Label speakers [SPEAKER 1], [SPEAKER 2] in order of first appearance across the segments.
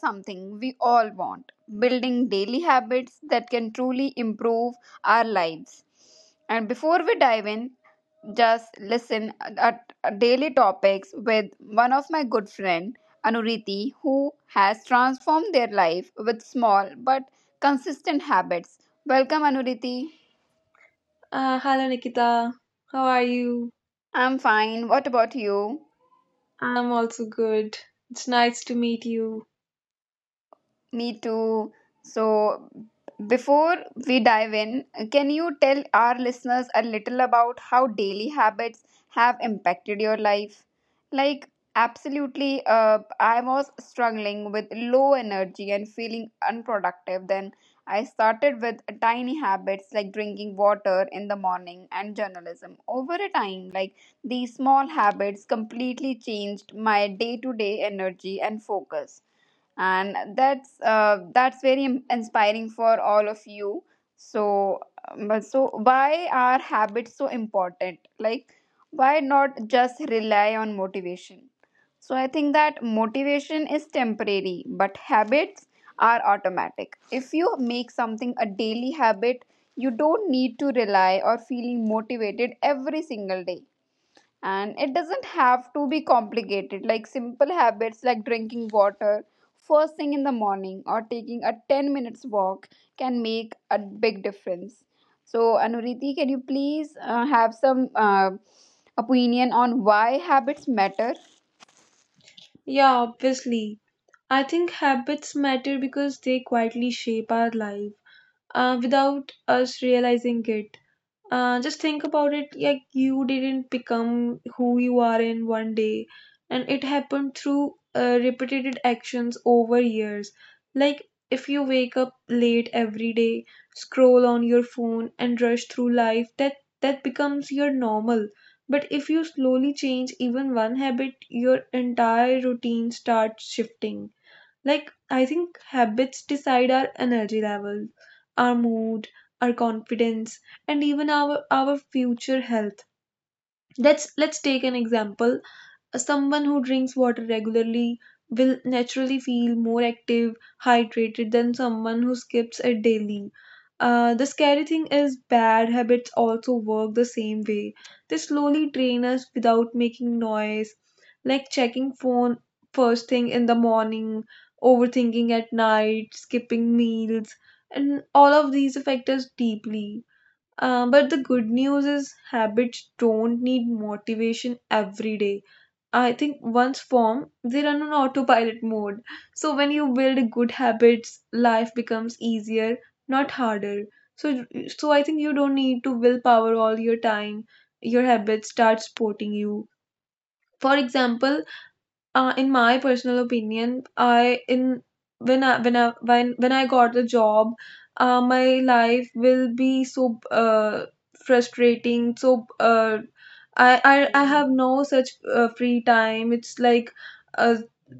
[SPEAKER 1] Something we all want, building daily habits that can truly improve our lives. And before we dive in, just listen at daily topics with one of my good friend Anuriti who has transformed their life with small but consistent habits. Welcome Anuriti.
[SPEAKER 2] Hello, Nikita. How are you?
[SPEAKER 1] I'm fine. What about you?
[SPEAKER 2] I'm also good. It's nice to meet you.
[SPEAKER 1] Me too. So, before we dive in, can you tell our listeners a little about how daily habits have impacted your life? Like, absolutely, I was struggling with low energy and feeling unproductive. Then I started with tiny habits like drinking water in the morning and journalism. Over a time, like these small habits completely changed my day to day energy and focus, and that's very inspiring for all of you. So um, but so why are habits so important, like why not just rely on motivation? So I think that motivation is temporary but habits are automatic. If you make something a daily habit, you don't need to rely or feeling motivated every single day, and it doesn't have to be complicated. Like simple habits like drinking water first thing in the morning or taking a 10 minutes walk can make a big difference. So Anuriti, can you please have some opinion on why habits matter?
[SPEAKER 2] Yeah, obviously. I think habits matter because they quietly shape our life without us realizing it. Just think about it, like you didn't become who you are in one day, and it happened through repeated actions over years. Like, if you wake up late every day, scroll on your phone, and rush through life, that becomes your normal. But if you slowly change even one habit, your entire routine starts shifting. Like, I think habits decide our energy levels, our mood, our confidence, and even our future health. Let's take an example. Someone who drinks water regularly will naturally feel more active, hydrated than someone who skips it daily. The scary thing is, bad habits also work the same way. They slowly drain us without making noise, like checking phone first thing in the morning, overthinking at night, skipping meals, and all of these affect us deeply. But the good news is, habits don't need motivation every day. I think once formed, they run on autopilot mode. So when you build good habits, life becomes easier, not harder. So I think you don't need to willpower all your time. Your habits start supporting you. For example, in my personal opinion, I in when I when I when I got the job, my life will be so frustrating. So I have no such free time. It's like uh,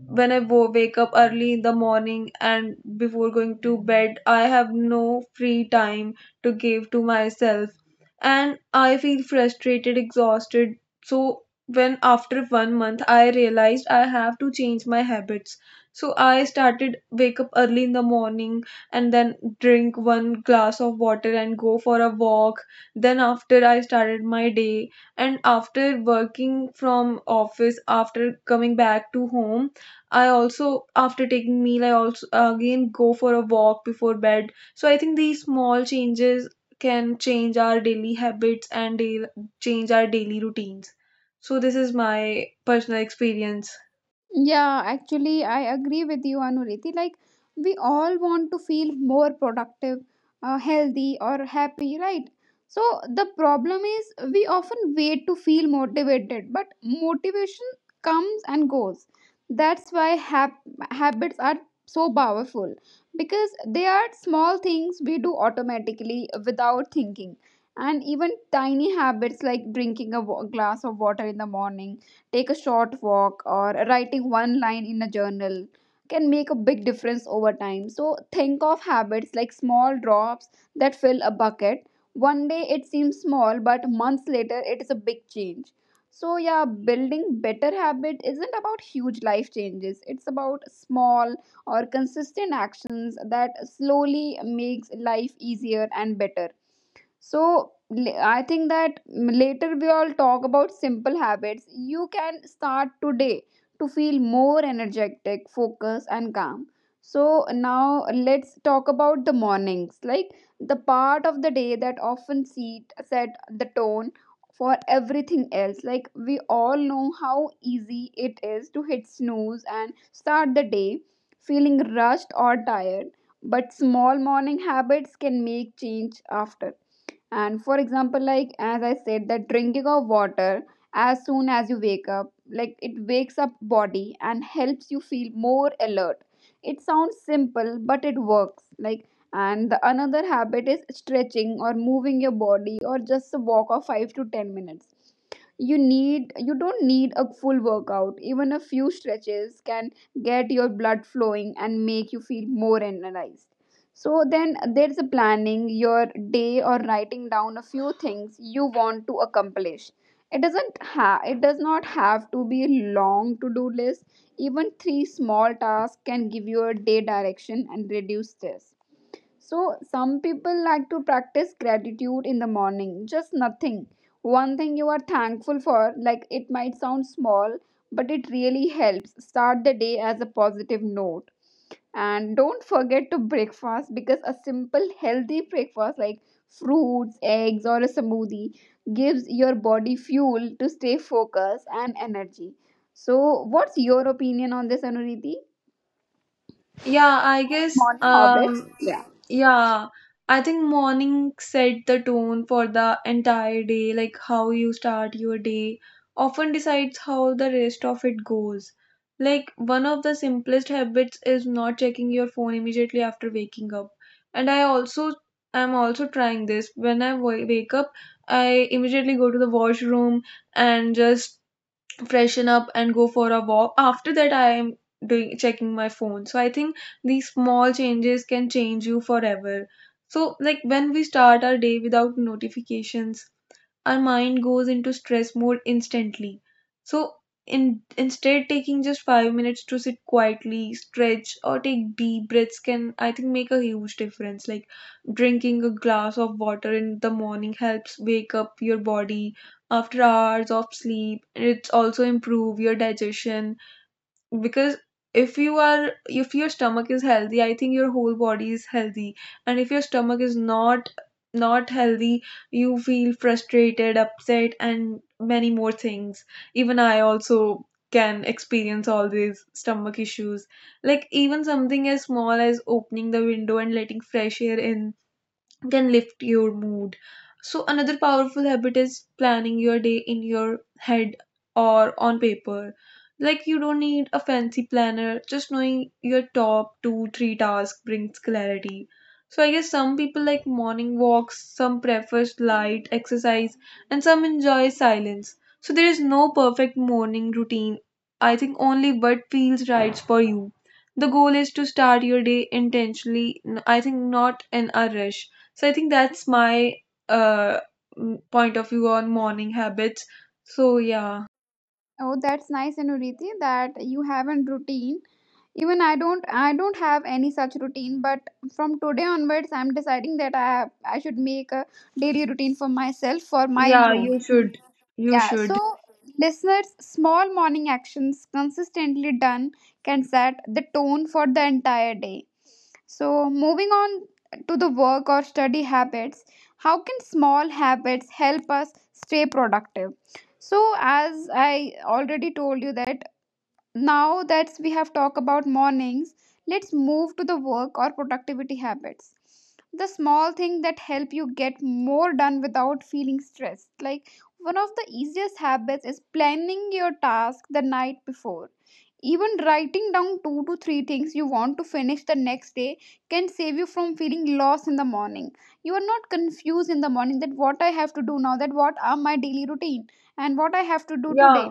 [SPEAKER 2] when I wake up early in the morning and before going to bed, I have no free time to give to myself, and I feel frustrated, exhausted. So when, after one month, I realized I have to change my habits. So I started wake up early in the morning and then drink one glass of water and go for a walk. Then after, I started my day, and after working from office, after coming back to home, I also, after taking meal, I also again go for a walk before bed. So I think these small changes can change our daily habits and change our daily routines. So this is my personal experience.
[SPEAKER 1] Yeah, actually, I agree with you, Anuriti. Like, we all want to feel more productive, healthy, or happy, right? So, the problem is we often wait to feel motivated, but motivation comes and goes. That's why habits are so powerful because they are small things we do automatically without thinking. And even tiny habits like drinking a glass of water in the morning, take a short walk, or writing one line in a journal can make a big difference over time. So think of habits like small drops that fill a bucket. One day it seems small, but months later it is a big change. So yeah, building better habit isn't about huge life changes, it's about small or consistent actions that slowly makes life easier and better. So I think that later we all talk about simple habits you can start today to feel more energetic, focused, and calm. So now let's talk about the mornings, like the part of the day that often set the tone for everything else. Like we all know how easy it is to hit snooze and start the day feeling rushed or tired, but small morning habits can make change after. And for example, like as I said, that drinking of water as soon as you wake up, like it wakes up body and helps you feel more alert. It sounds simple but it works. Like, and the another habit is stretching or moving your body or just a walk of 5 to 10 minutes. You don't need a full workout, even a few stretches can get your blood flowing and make you feel more energized. So then there's a planning your day or writing down a few things you want to accomplish. It doesn't ha. It does not have to be a long to do list, even three small tasks can give you a day direction and reduce stress. So, some people like to practice gratitude in the morning, just nothing. One thing you are thankful for, like it might sound small, but it really helps. Start the day as a positive note. And don't forget to breakfast because a simple healthy breakfast like fruits, eggs, or a smoothie gives your body fuel to stay focused and energy. So, what's your opinion on this, Anuriti?
[SPEAKER 2] Yeah, I
[SPEAKER 1] On
[SPEAKER 2] guess
[SPEAKER 1] morning habits? Yeah.
[SPEAKER 2] yeah, I think morning set the tone for the entire day, like how you start your day often decides how the rest of it goes. Like, one of the simplest habits is not checking your phone immediately after waking up. And I'm also trying this. When I wake up, I immediately go to the washroom and just freshen up and go for a walk. After that, I am doing checking my phone. So I think these small changes can change you forever. So, like, when we start our day without notifications, our mind goes into stress mode instantly. So, instead, taking just 5 minutes to sit quietly, stretch or take deep breaths can, I think, make a huge difference. Like drinking a glass of water in the morning helps wake up your body after hours of sleep. It's also improve your digestion, because if your stomach is healthy, I think your whole body is healthy, and if your stomach is not healthy, you feel frustrated, upset, and many more things. Even I also can experience all these stomach issues. Like, even something as small as opening the window and letting fresh air in can lift your mood. So, another powerful habit is planning your day in your head or on paper. Like, you don't need a fancy planner, just knowing your top two, three tasks brings clarity. So, I guess some people like morning walks, some prefers light exercise, and some enjoy silence. So, there is no perfect morning routine. I think only what feels right for you. The goal is to start your day intentionally, I think not in a rush. So I think that's my uh, point of view on morning habits. So, yeah,
[SPEAKER 1] Oh, that's nice, Anuriti, that you have a routine. Even I don't have any such routine. But from today onwards, I'm deciding that I should make a daily routine for myself for my
[SPEAKER 2] yeah, you
[SPEAKER 1] improvement.
[SPEAKER 2] should, you
[SPEAKER 1] Yeah,
[SPEAKER 2] should.
[SPEAKER 1] so listeners, small morning actions consistently done can set the tone for the entire day. So, moving on to the work or study habits, how can small habits help us stay productive? So, as I already told you, that now that we have talked about mornings, let's move to the work or productivity habits, the small thing that help you get more done without feeling stressed. Like one of the easiest habits is planning your task the night before. Even writing down two to three things you want to finish the next day can save you from feeling lost in the morning. You are not confused in the morning that what I have to do now, that what are my daily routine and what I have to do today.
[SPEAKER 2] Yeah,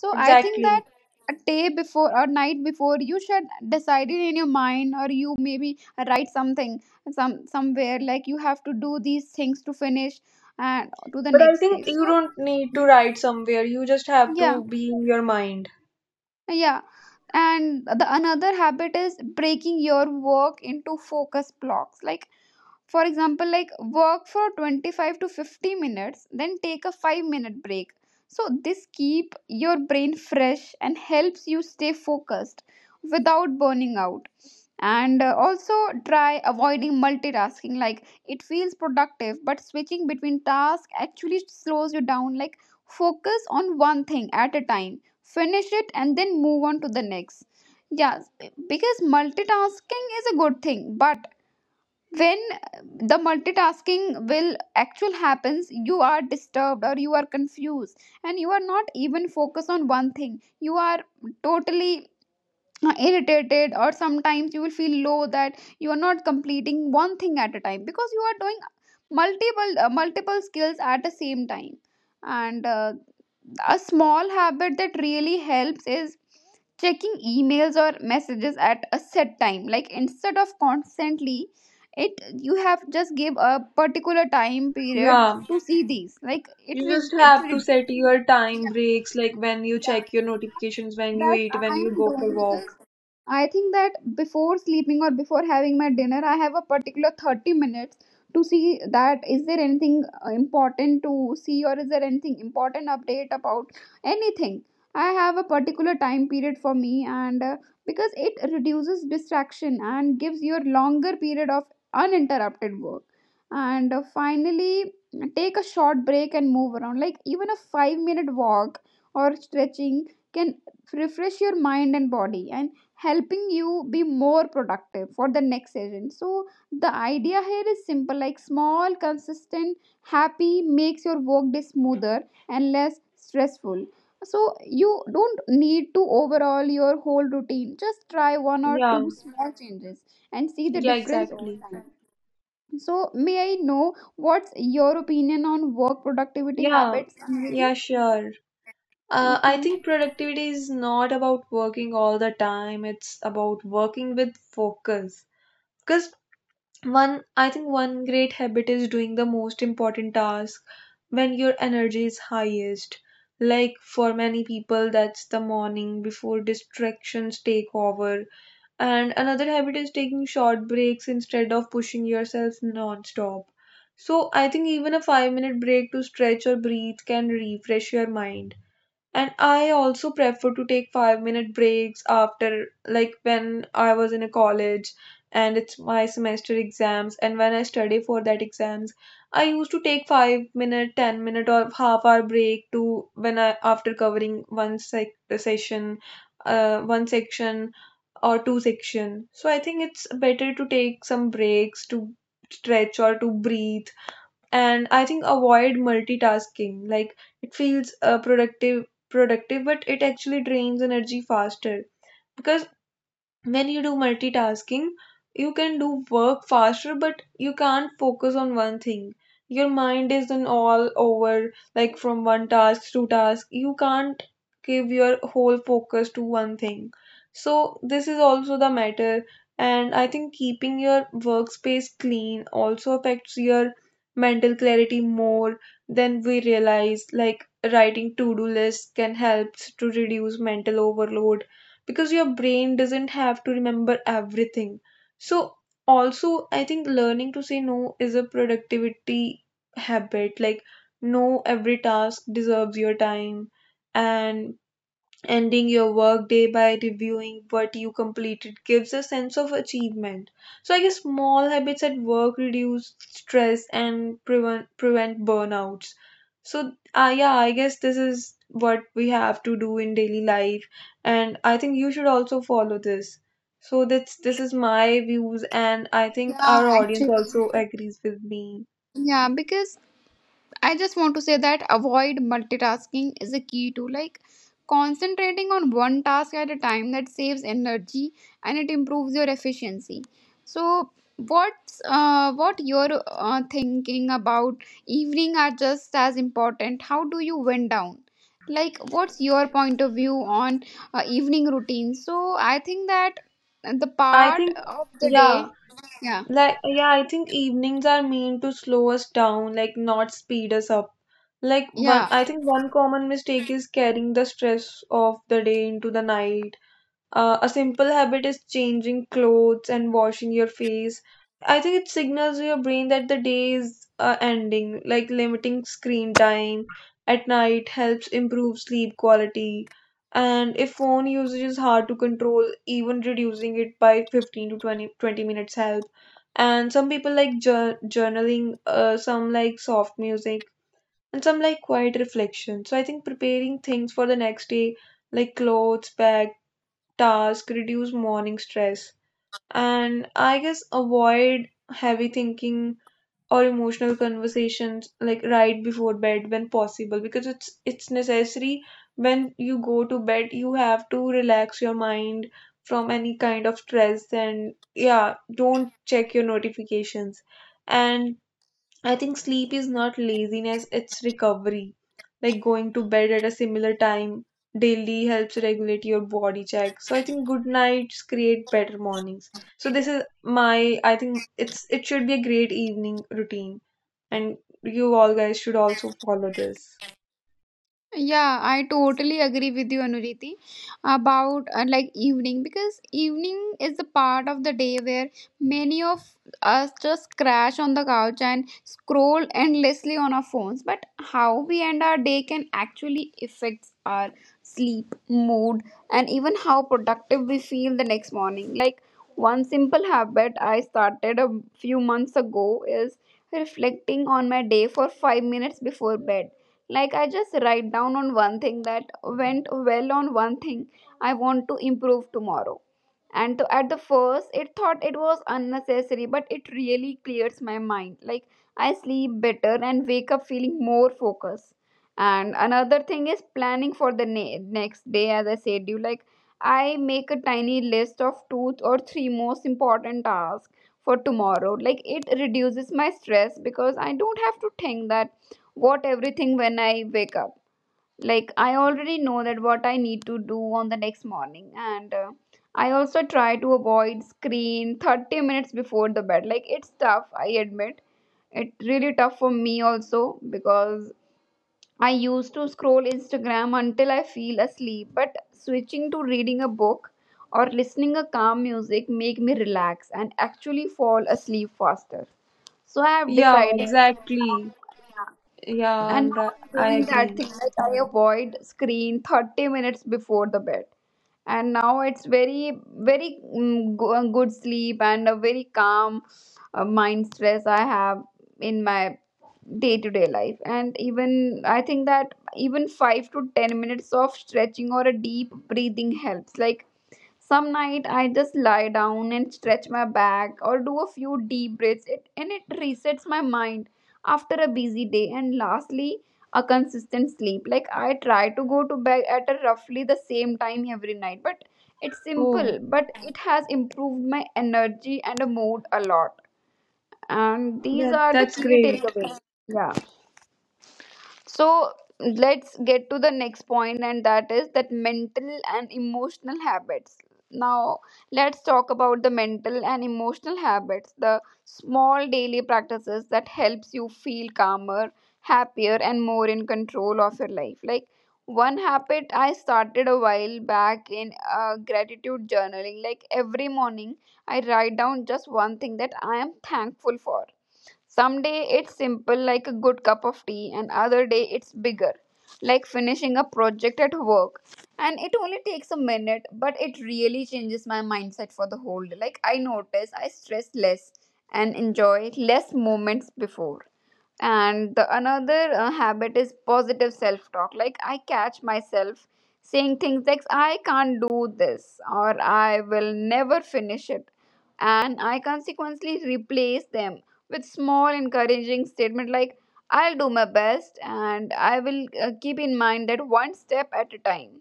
[SPEAKER 1] So I think
[SPEAKER 2] exactly.
[SPEAKER 1] that a day before or night before, you should decide it in your mind, or you maybe write something somewhere, like you have to do these things to finish and to the
[SPEAKER 2] But I
[SPEAKER 1] next day.
[SPEAKER 2] think you
[SPEAKER 1] So
[SPEAKER 2] don't need to
[SPEAKER 1] yeah,
[SPEAKER 2] write somewhere. You just have
[SPEAKER 1] yeah,
[SPEAKER 2] to be in your mind.
[SPEAKER 1] yeah. And the another habit is breaking your work into focus blocks. Like for example, like work for 25 to 50 minutes, then take a 5-minute break. So this keep your brain fresh and helps you stay focused without burning out. And also try avoiding multitasking. Like it feels productive but switching between tasks actually slows you down. Like focus on one thing at a time, finish it, and then move on to the next. Yes, because multitasking is a good thing, but when the multitasking will actual happens, you are disturbed or you are confused and you are not even focused on one thing. You are totally irritated or sometimes you will feel low that you are not completing one thing at a time because you are doing multiple skills at the same time. And a small habit that really helps is checking emails or messages at a set time. Like instead of constantly it, you have just give a particular time period
[SPEAKER 2] Yeah,
[SPEAKER 1] to see these. Like it
[SPEAKER 2] you just
[SPEAKER 1] is it
[SPEAKER 2] have to
[SPEAKER 1] re-
[SPEAKER 2] set your time breaks, like when you
[SPEAKER 1] yeah,
[SPEAKER 2] check your notifications, when you
[SPEAKER 1] that's
[SPEAKER 2] eat,
[SPEAKER 1] I
[SPEAKER 2] when you
[SPEAKER 1] am
[SPEAKER 2] go for
[SPEAKER 1] doing,
[SPEAKER 2] walk.
[SPEAKER 1] because I think that before sleeping or before having my dinner, I have a particular 30 minutes to see that is there anything important to see or is there anything important update about anything. I have a particular time period for me, and because it reduces distraction and gives your longer period of uninterrupted work. And finally, take a short break and move around. Like even a 5-minute walk or stretching can refresh your mind and body and helping you be more productive for the next session. So the idea here is simple, like small consistent happy makes your work day smoother and less stressful. So you don't need to overhaul your whole routine, just try one or
[SPEAKER 2] Yeah,
[SPEAKER 1] two small changes and see the
[SPEAKER 2] yeah,
[SPEAKER 1] difference over
[SPEAKER 2] exactly.
[SPEAKER 1] time. So may I know what's your opinion on work productivity
[SPEAKER 2] Yeah,
[SPEAKER 1] habits, Amriti?
[SPEAKER 2] yeah, sure. I
[SPEAKER 1] Okay.
[SPEAKER 2] think productivity is not about working all the time. It's about working with focus. Because I think one great habit is doing the most important task when your energy is highest. Like for many people, that's the morning before distractions take over. And another habit is taking short breaks instead of pushing yourself non-stop. So I think even a 5 minute break to stretch or breathe can refresh your mind. And I also prefer to take 5 minute breaks after, like when I was in a college and it's my semester exams, and when I study for that exams, I used to take 5 minute, 10 minute, or half hour break. To, when I, after covering one session, one section or two section. So I think it's better to take some breaks to stretch or to breathe. And I think avoid multitasking, like it feels productive, but it actually drains energy faster, because when you do multitasking, you can do work faster but you can't focus on one thing. Your mind is in all over, like from one task to task, you can't give your whole focus to one thing. So this is also the matter. And I think keeping your workspace clean also affects your mental clarity more than we realize. Like writing to-do lists can help to reduce mental overload, because your brain doesn't have to remember everything. So, also, I think learning to say no is a productivity habit. Like, no, every task deserves your time, and ending your work day by reviewing what you completed gives a sense of achievement. So I guess small habits at work reduce stress and prevent burnouts. So yeah, I guess this is what we have to do in daily life, and I think you should also follow this. So that's, this is my views, and I think
[SPEAKER 1] Yeah,
[SPEAKER 2] our audience
[SPEAKER 1] actually.
[SPEAKER 2] also agrees with me.
[SPEAKER 1] Yeah, because I just want to say that avoid multitasking is a key to like concentrating on one task at a time, that saves energy and it improves your efficiency. So what you're thinking about evening are just as important. How do you wind down? Like what's your point of view on evening routine? So I think that the
[SPEAKER 2] I
[SPEAKER 1] part
[SPEAKER 2] think
[SPEAKER 1] of the
[SPEAKER 2] yeah.
[SPEAKER 1] day, yeah.
[SPEAKER 2] Like, yeah, I think evenings are meant to slow us down, like not speed us up. Like,
[SPEAKER 1] Yeah,
[SPEAKER 2] I think one common mistake is carrying the stress of the day into the night. A simple habit is changing clothes and washing your face. I think it signals to your brain that the day is ending. Like, limiting screen time at night helps improve sleep quality. And if phone usage is hard to control, even reducing it by 15 to 20, 20 minutes help. And some people like journaling, some like soft music, and some like quiet reflection. So I think preparing things for the next day, like clothes, bag task, reduce morning stress. And I guess avoid heavy thinking or emotional conversations, like right before bed when possible, because it's necessary. When you go to bed, you have to relax your mind from any kind of stress. And yeah, don't check your notifications. And I think sleep is not laziness, it's recovery. Like going to bed at a similar time daily helps regulate your body check. So I think good nights create better mornings. So this is my, I think it should be a great evening routine, and you all guys should also follow this.
[SPEAKER 1] yeah, I totally agree with you, Anuriti, about like evening, because evening is the part of the day where many of us just crash on the couch and scroll endlessly on our phones. But how we end our day can actually affect our sleep, mood, and even how productive we feel the next morning. Like one simple habit I started a few months ago is reflecting on my day for 5 minutes before bed. Like I just write down on one thing that went well, on one thing I want to improve tomorrow, at the first it thought it was unnecessary, but it really clears my mind. Like I sleep better and wake up feeling more focused. And another thing is planning for the next day. As I said you, like I make a tiny list of two or three most important tasks for tomorrow. Like it reduces my stress because I don't have to think that what everything when I wake up, like I already know that what I need to do on the next morning. And I also try to avoid screen 30 minutes before the bed. Like it's tough, I admit it's really tough for me also because I used to scroll Instagram until I feel asleep. But switching to reading a book or listening a calm music make me relax and actually fall asleep faster. So I have
[SPEAKER 2] Yeah,
[SPEAKER 1] decided
[SPEAKER 2] exactly. Yeah,
[SPEAKER 1] and
[SPEAKER 2] I'm
[SPEAKER 1] now I'm
[SPEAKER 2] I
[SPEAKER 1] doing that
[SPEAKER 2] agree.
[SPEAKER 1] thing, like I avoid screen 30 minutes before the bed. And now it's very, very good sleep and a very calm mind stress I have in my day to day life. And even I think that even 5 to 10 minutes of stretching or a deep breathing helps. Like some night I just lie down and stretch my back or do a few deep breaths, and it resets my mind after a busy day. And lastly, a consistent sleep. Like I try to go to bed at a roughly the same time every night, but it's
[SPEAKER 2] Oh,
[SPEAKER 1] simple, but it has improved my energy and a mood a lot. And these
[SPEAKER 2] that
[SPEAKER 1] are the
[SPEAKER 2] that's
[SPEAKER 1] key
[SPEAKER 2] great.
[SPEAKER 1] takeaways. Yeah. So let's get to the next point, and that is that mental and emotional habits. Now, let's talk about the mental and emotional habits, the small daily practices that helps you feel calmer, happier, and more in control of your life. Like one habit I started a while back in gratitude journaling. Like every morning, I write down just one thing that I am thankful for some day it's simple, like a good cup of tea, and other day it's bigger, like finishing a project at work. And it only takes a minute, but it really changes my mindset for the whole day. Like I notice I stress less and enjoy less moments before and the another habit is positive self talk. Like I catch myself saying things like I can't do this or I will never finish it and I consequently replace them with small encouraging statement like I'll do my best and I will keep in mind that one step at a time.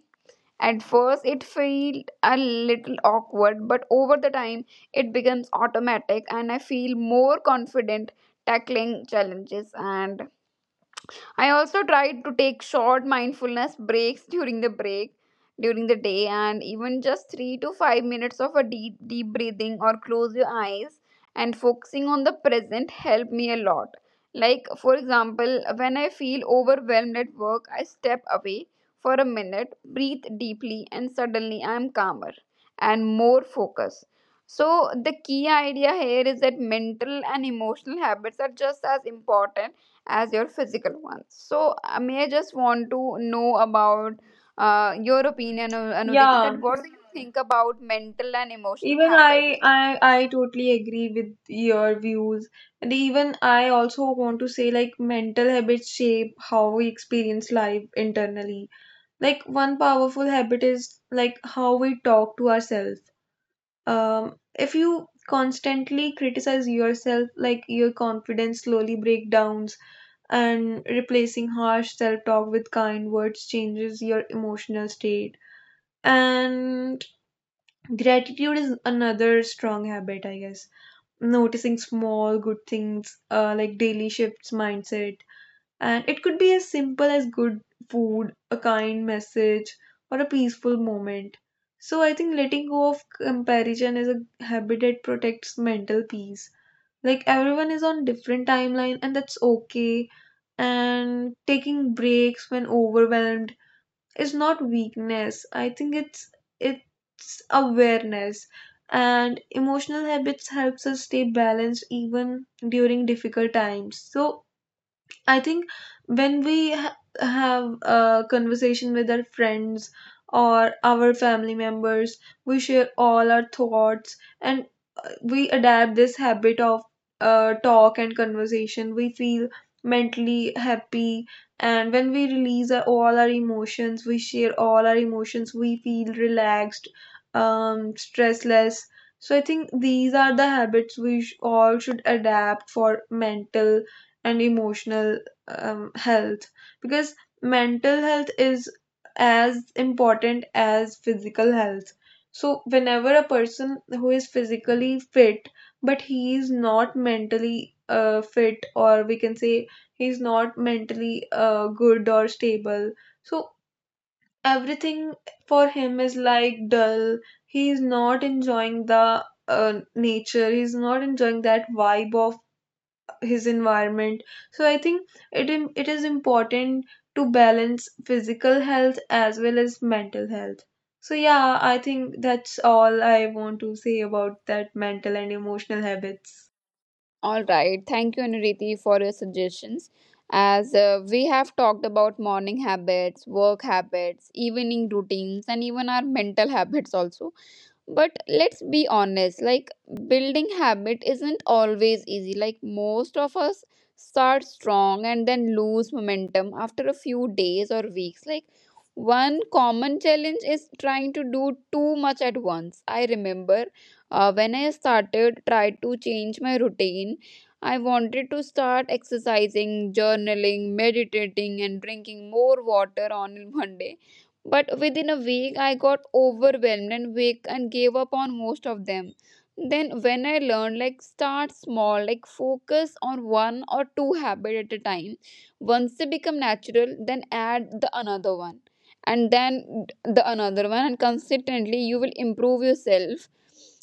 [SPEAKER 1] At first, it felt a little awkward, but over the time, it becomes automatic, and I feel more confident tackling challenges. And I also tried to take short mindfulness breaks during the day, and even just 3 to 5 minutes of a deep breathing or close your eyes and focusing on the present helped me a lot. Like for example, when I feel overwhelmed at work, I step away for a minute, breathe deeply and suddenly I am calmer and more focused. So the key idea here is that mental and emotional habits are just as important as your physical ones. So, I may just want to know about your opinion, Anuriti,
[SPEAKER 2] Yeah,
[SPEAKER 1] that what do you think about mental and emotional
[SPEAKER 2] even
[SPEAKER 1] habits?
[SPEAKER 2] I totally agree with your views, and even I also want to say like mental habits shape how we experience life internally. Like one powerful habit is like how we talk to ourselves. If you constantly criticize yourself, like, your confidence slowly breaks down, and replacing harsh self-talk with kind words changes your emotional state. And gratitude is another strong habit, I guess. Noticing small good things, like daily, shifts mindset, and it could be as simple as good food, a kind message, or a peaceful moment. So I think letting go of comparison is a habit that protects mental peace, like everyone is on different timeline, and that's okay. And taking breaks when overwhelmed, it's not weakness, I think it's awareness. And emotional habits helps us stay balanced even during difficult times. So I think when we have a conversation with our friends or our family members, we share all our thoughts, and we adapt this habit of talk and conversation. We feel mentally happy, and when we release our, all our emotions, we share all our emotions, we feel relaxed, stressless. So I think these are the habits we all should adapt for mental and emotional health, because mental health is as important as physical health. So, whenever a person who is physically fit but he is not mentally fit, or we can say he's not mentally good or stable, so everything for him is like dull. He is not enjoying the nature, he's not enjoying that vibe of his environment. So I think it is important to balance physical health as well as mental health. So yeah, I think that's all I want to say about that mental and emotional habits.
[SPEAKER 1] All right. Thank you, Anuriti, for your suggestions. As we have talked about morning habits, work habits, evening routines, and even our mental habits also, but let's be honest, like building habit isn't always easy. Like most of us start strong and then lose momentum after a few days or weeks. Like one common challenge is trying to do too much at once. I remember when I started try to change my routine, I wanted to start exercising, journaling, meditating, and drinking more water on one day, but within a week, I got overwhelmed and weak and gave up on most of them. Then, when I learned, like, start small, like, focus on one or two habits at a time. Once they become natural, then add the another one and then the another one, and consistently, you will improve yourself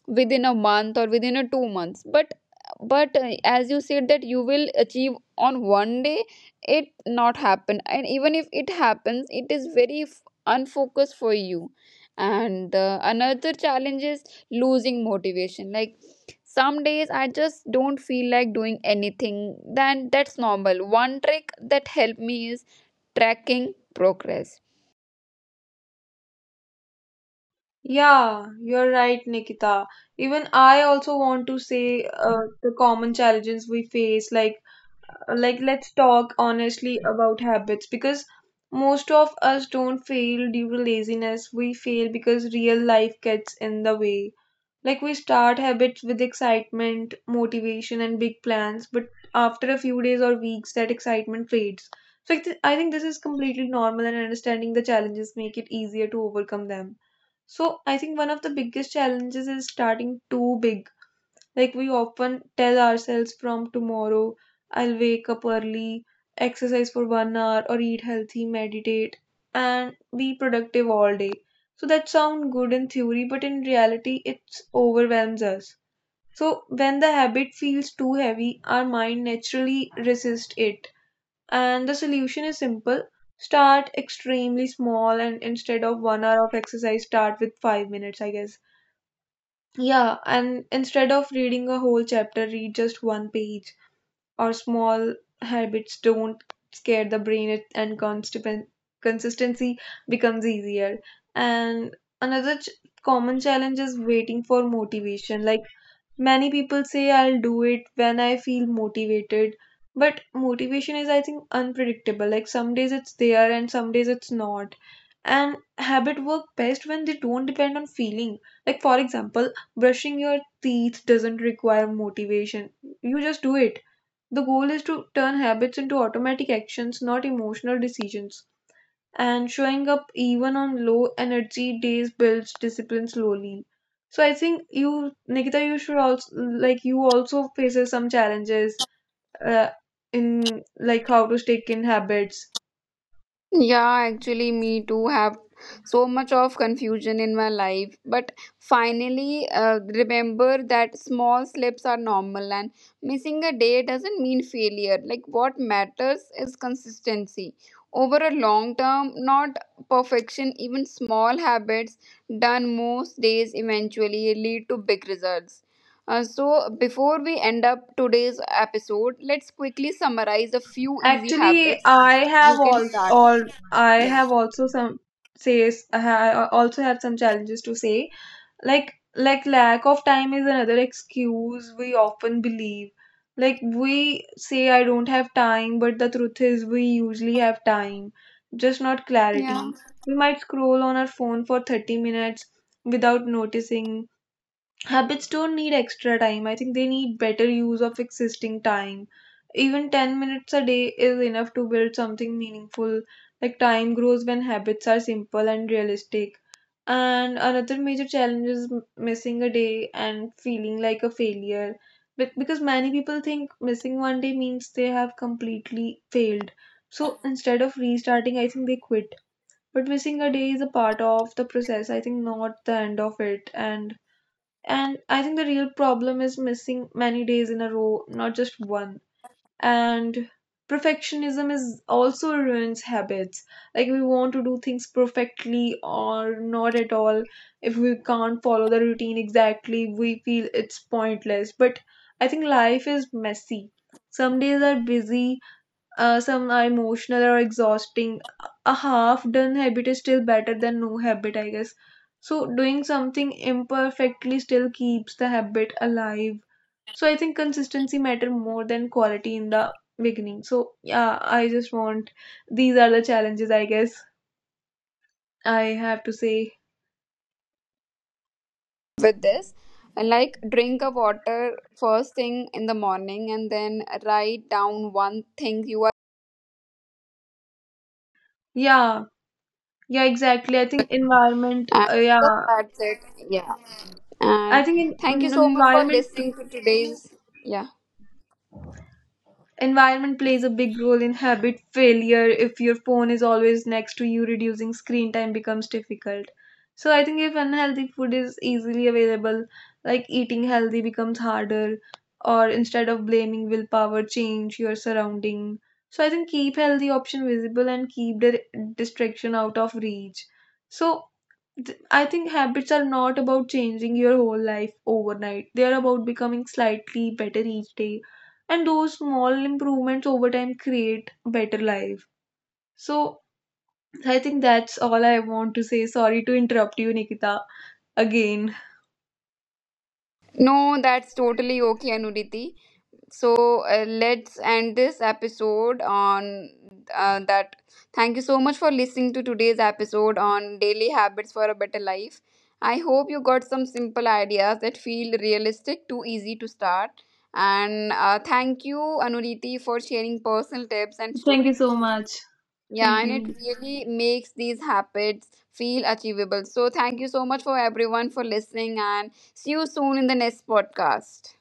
[SPEAKER 1] within a month or within a 2 months. But as you said that you will achieve on one day it not happen, and even if it happens it is very unfocused for you. And another challenge is losing motivation. Like some days I just don't feel like doing anything, then that's normal. One trick that helped me is tracking progress.
[SPEAKER 2] Yeah, you're right, Nikita, even I also want to say the common challenges we face, like let's talk honestly about habits, because most of us don't fail due to laziness. We fail because real life gets in the way. Like we start habits with excitement, motivation, and big plans, but after a few days or weeks, that excitement fades. So I think this is completely normal, and understanding the challenges make it easier to overcome them. So I think one of the biggest challenges is starting too big. Like we often tell ourselves from tomorrow, I'll wake up early, exercise for 1 hour, or eat healthy, meditate, and be productive all day. So that sounds good in theory, but in reality, it overwhelms us. So when the habit feels too heavy, our mind naturally resists it. And the solution is simple: start extremely small, and instead of 1 hour of exercise, start with 5 minutes, I guess. Yeah, and instead of reading a whole chapter, read just one page. Or small habits don't scare the brain, and consistency becomes easier. And another common challenge is waiting for motivation. Like many people say I'll do it when I feel motivated, but motivation is, I think, unpredictable. Like some days it's there and some days it's not. And habit work best when they don't depend on feeling. Like, for example, brushing your teeth doesn't require motivation, you just do it. The goal is to turn habits into automatic actions, not emotional decisions, and showing up even on low energy days builds discipline slowly. So I think you, Nikita, you should also, like, you also faces some challenges uh, in, like, how to stick in habits.
[SPEAKER 1] Yeah, actually, me too have so much of confusion in my life. But finally, remember that small slips are normal and missing a day doesn't mean failure. Like, what matters is consistency. Over a long term, not perfection, even small habits done most days eventually lead to big results. So, before we end up today's episode, let's quickly summarize a few easy
[SPEAKER 2] Actually,
[SPEAKER 1] habits
[SPEAKER 2] I
[SPEAKER 1] you
[SPEAKER 2] have
[SPEAKER 1] can start.
[SPEAKER 2] all I
[SPEAKER 1] Yeah.
[SPEAKER 2] have also some says I ha- I also have some challenges to say. Like lack of time is another excuse we often believe. Like we say I don't have time, but the truth is we usually have time, just not clarity.
[SPEAKER 1] Yeah.
[SPEAKER 2] We might scroll on our phone for 30 minutes without noticing. Habits don't need extra time. I think they need better use of existing time. Even 10 minutes a day is enough to build something meaningful. Like time grows when habits are simple and realistic. And another major challenge is missing a day and feeling like a failure. Because many people think missing one day means they have completely failed. So instead of restarting, I think they quit. But missing a day is a part of the process, I think, not the end of it. And I think the real problem is missing many days in a row, not just one. And perfectionism is also ruins habits. Like we want to do things perfectly or not at all. If we can't follow the routine exactly, we feel it's pointless. But I think life is messy. Some days are busy, some are emotional or exhausting. A half done habit is still better than no habit, I guess. So, doing something imperfectly still keeps the habit alive. So, I think consistency matter more than quality in the beginning. So, yeah, I just want, these are the challenges, I guess. I have to say,
[SPEAKER 1] With this, like drink a water first thing in the morning and then write down one thing you are…
[SPEAKER 2] yeah, yeah, exactly. I think environment,
[SPEAKER 3] And
[SPEAKER 2] yeah,
[SPEAKER 3] that's it. Yeah.
[SPEAKER 2] I
[SPEAKER 3] And
[SPEAKER 2] think,
[SPEAKER 3] thank you so much for
[SPEAKER 2] environment
[SPEAKER 3] listening to today's. Yeah.
[SPEAKER 2] environment plays a big role in habit failure. If your phone is always next to you, reducing screen time becomes difficult. So I think if unhealthy food is easily available, like eating healthy becomes harder. Or instead of blaming willpower, change your surrounding. So I think keep healthy option visible and keep the distraction out of reach. So I think habits are not about changing your whole life overnight. They are about becoming slightly better each day, and those small improvements over time create a better life. So I think that's all I want to say. Sorry to interrupt you, Nikita, again.
[SPEAKER 1] No, that's totally okay, Anuriti. So let's end this episode on that. Thank you so much for listening to today's episode on daily habits for a better life. I hope you got some simple ideas that feel realistic, too easy to start. And thank you, Anuriti, for sharing personal tips and
[SPEAKER 2] Thank you
[SPEAKER 1] stories.
[SPEAKER 2] so much.
[SPEAKER 1] Yeah,
[SPEAKER 2] Thank
[SPEAKER 1] and it
[SPEAKER 2] you.
[SPEAKER 1] really makes these habits feel achievable. So, thank you so much for everyone for listening, and see you soon in the next podcast.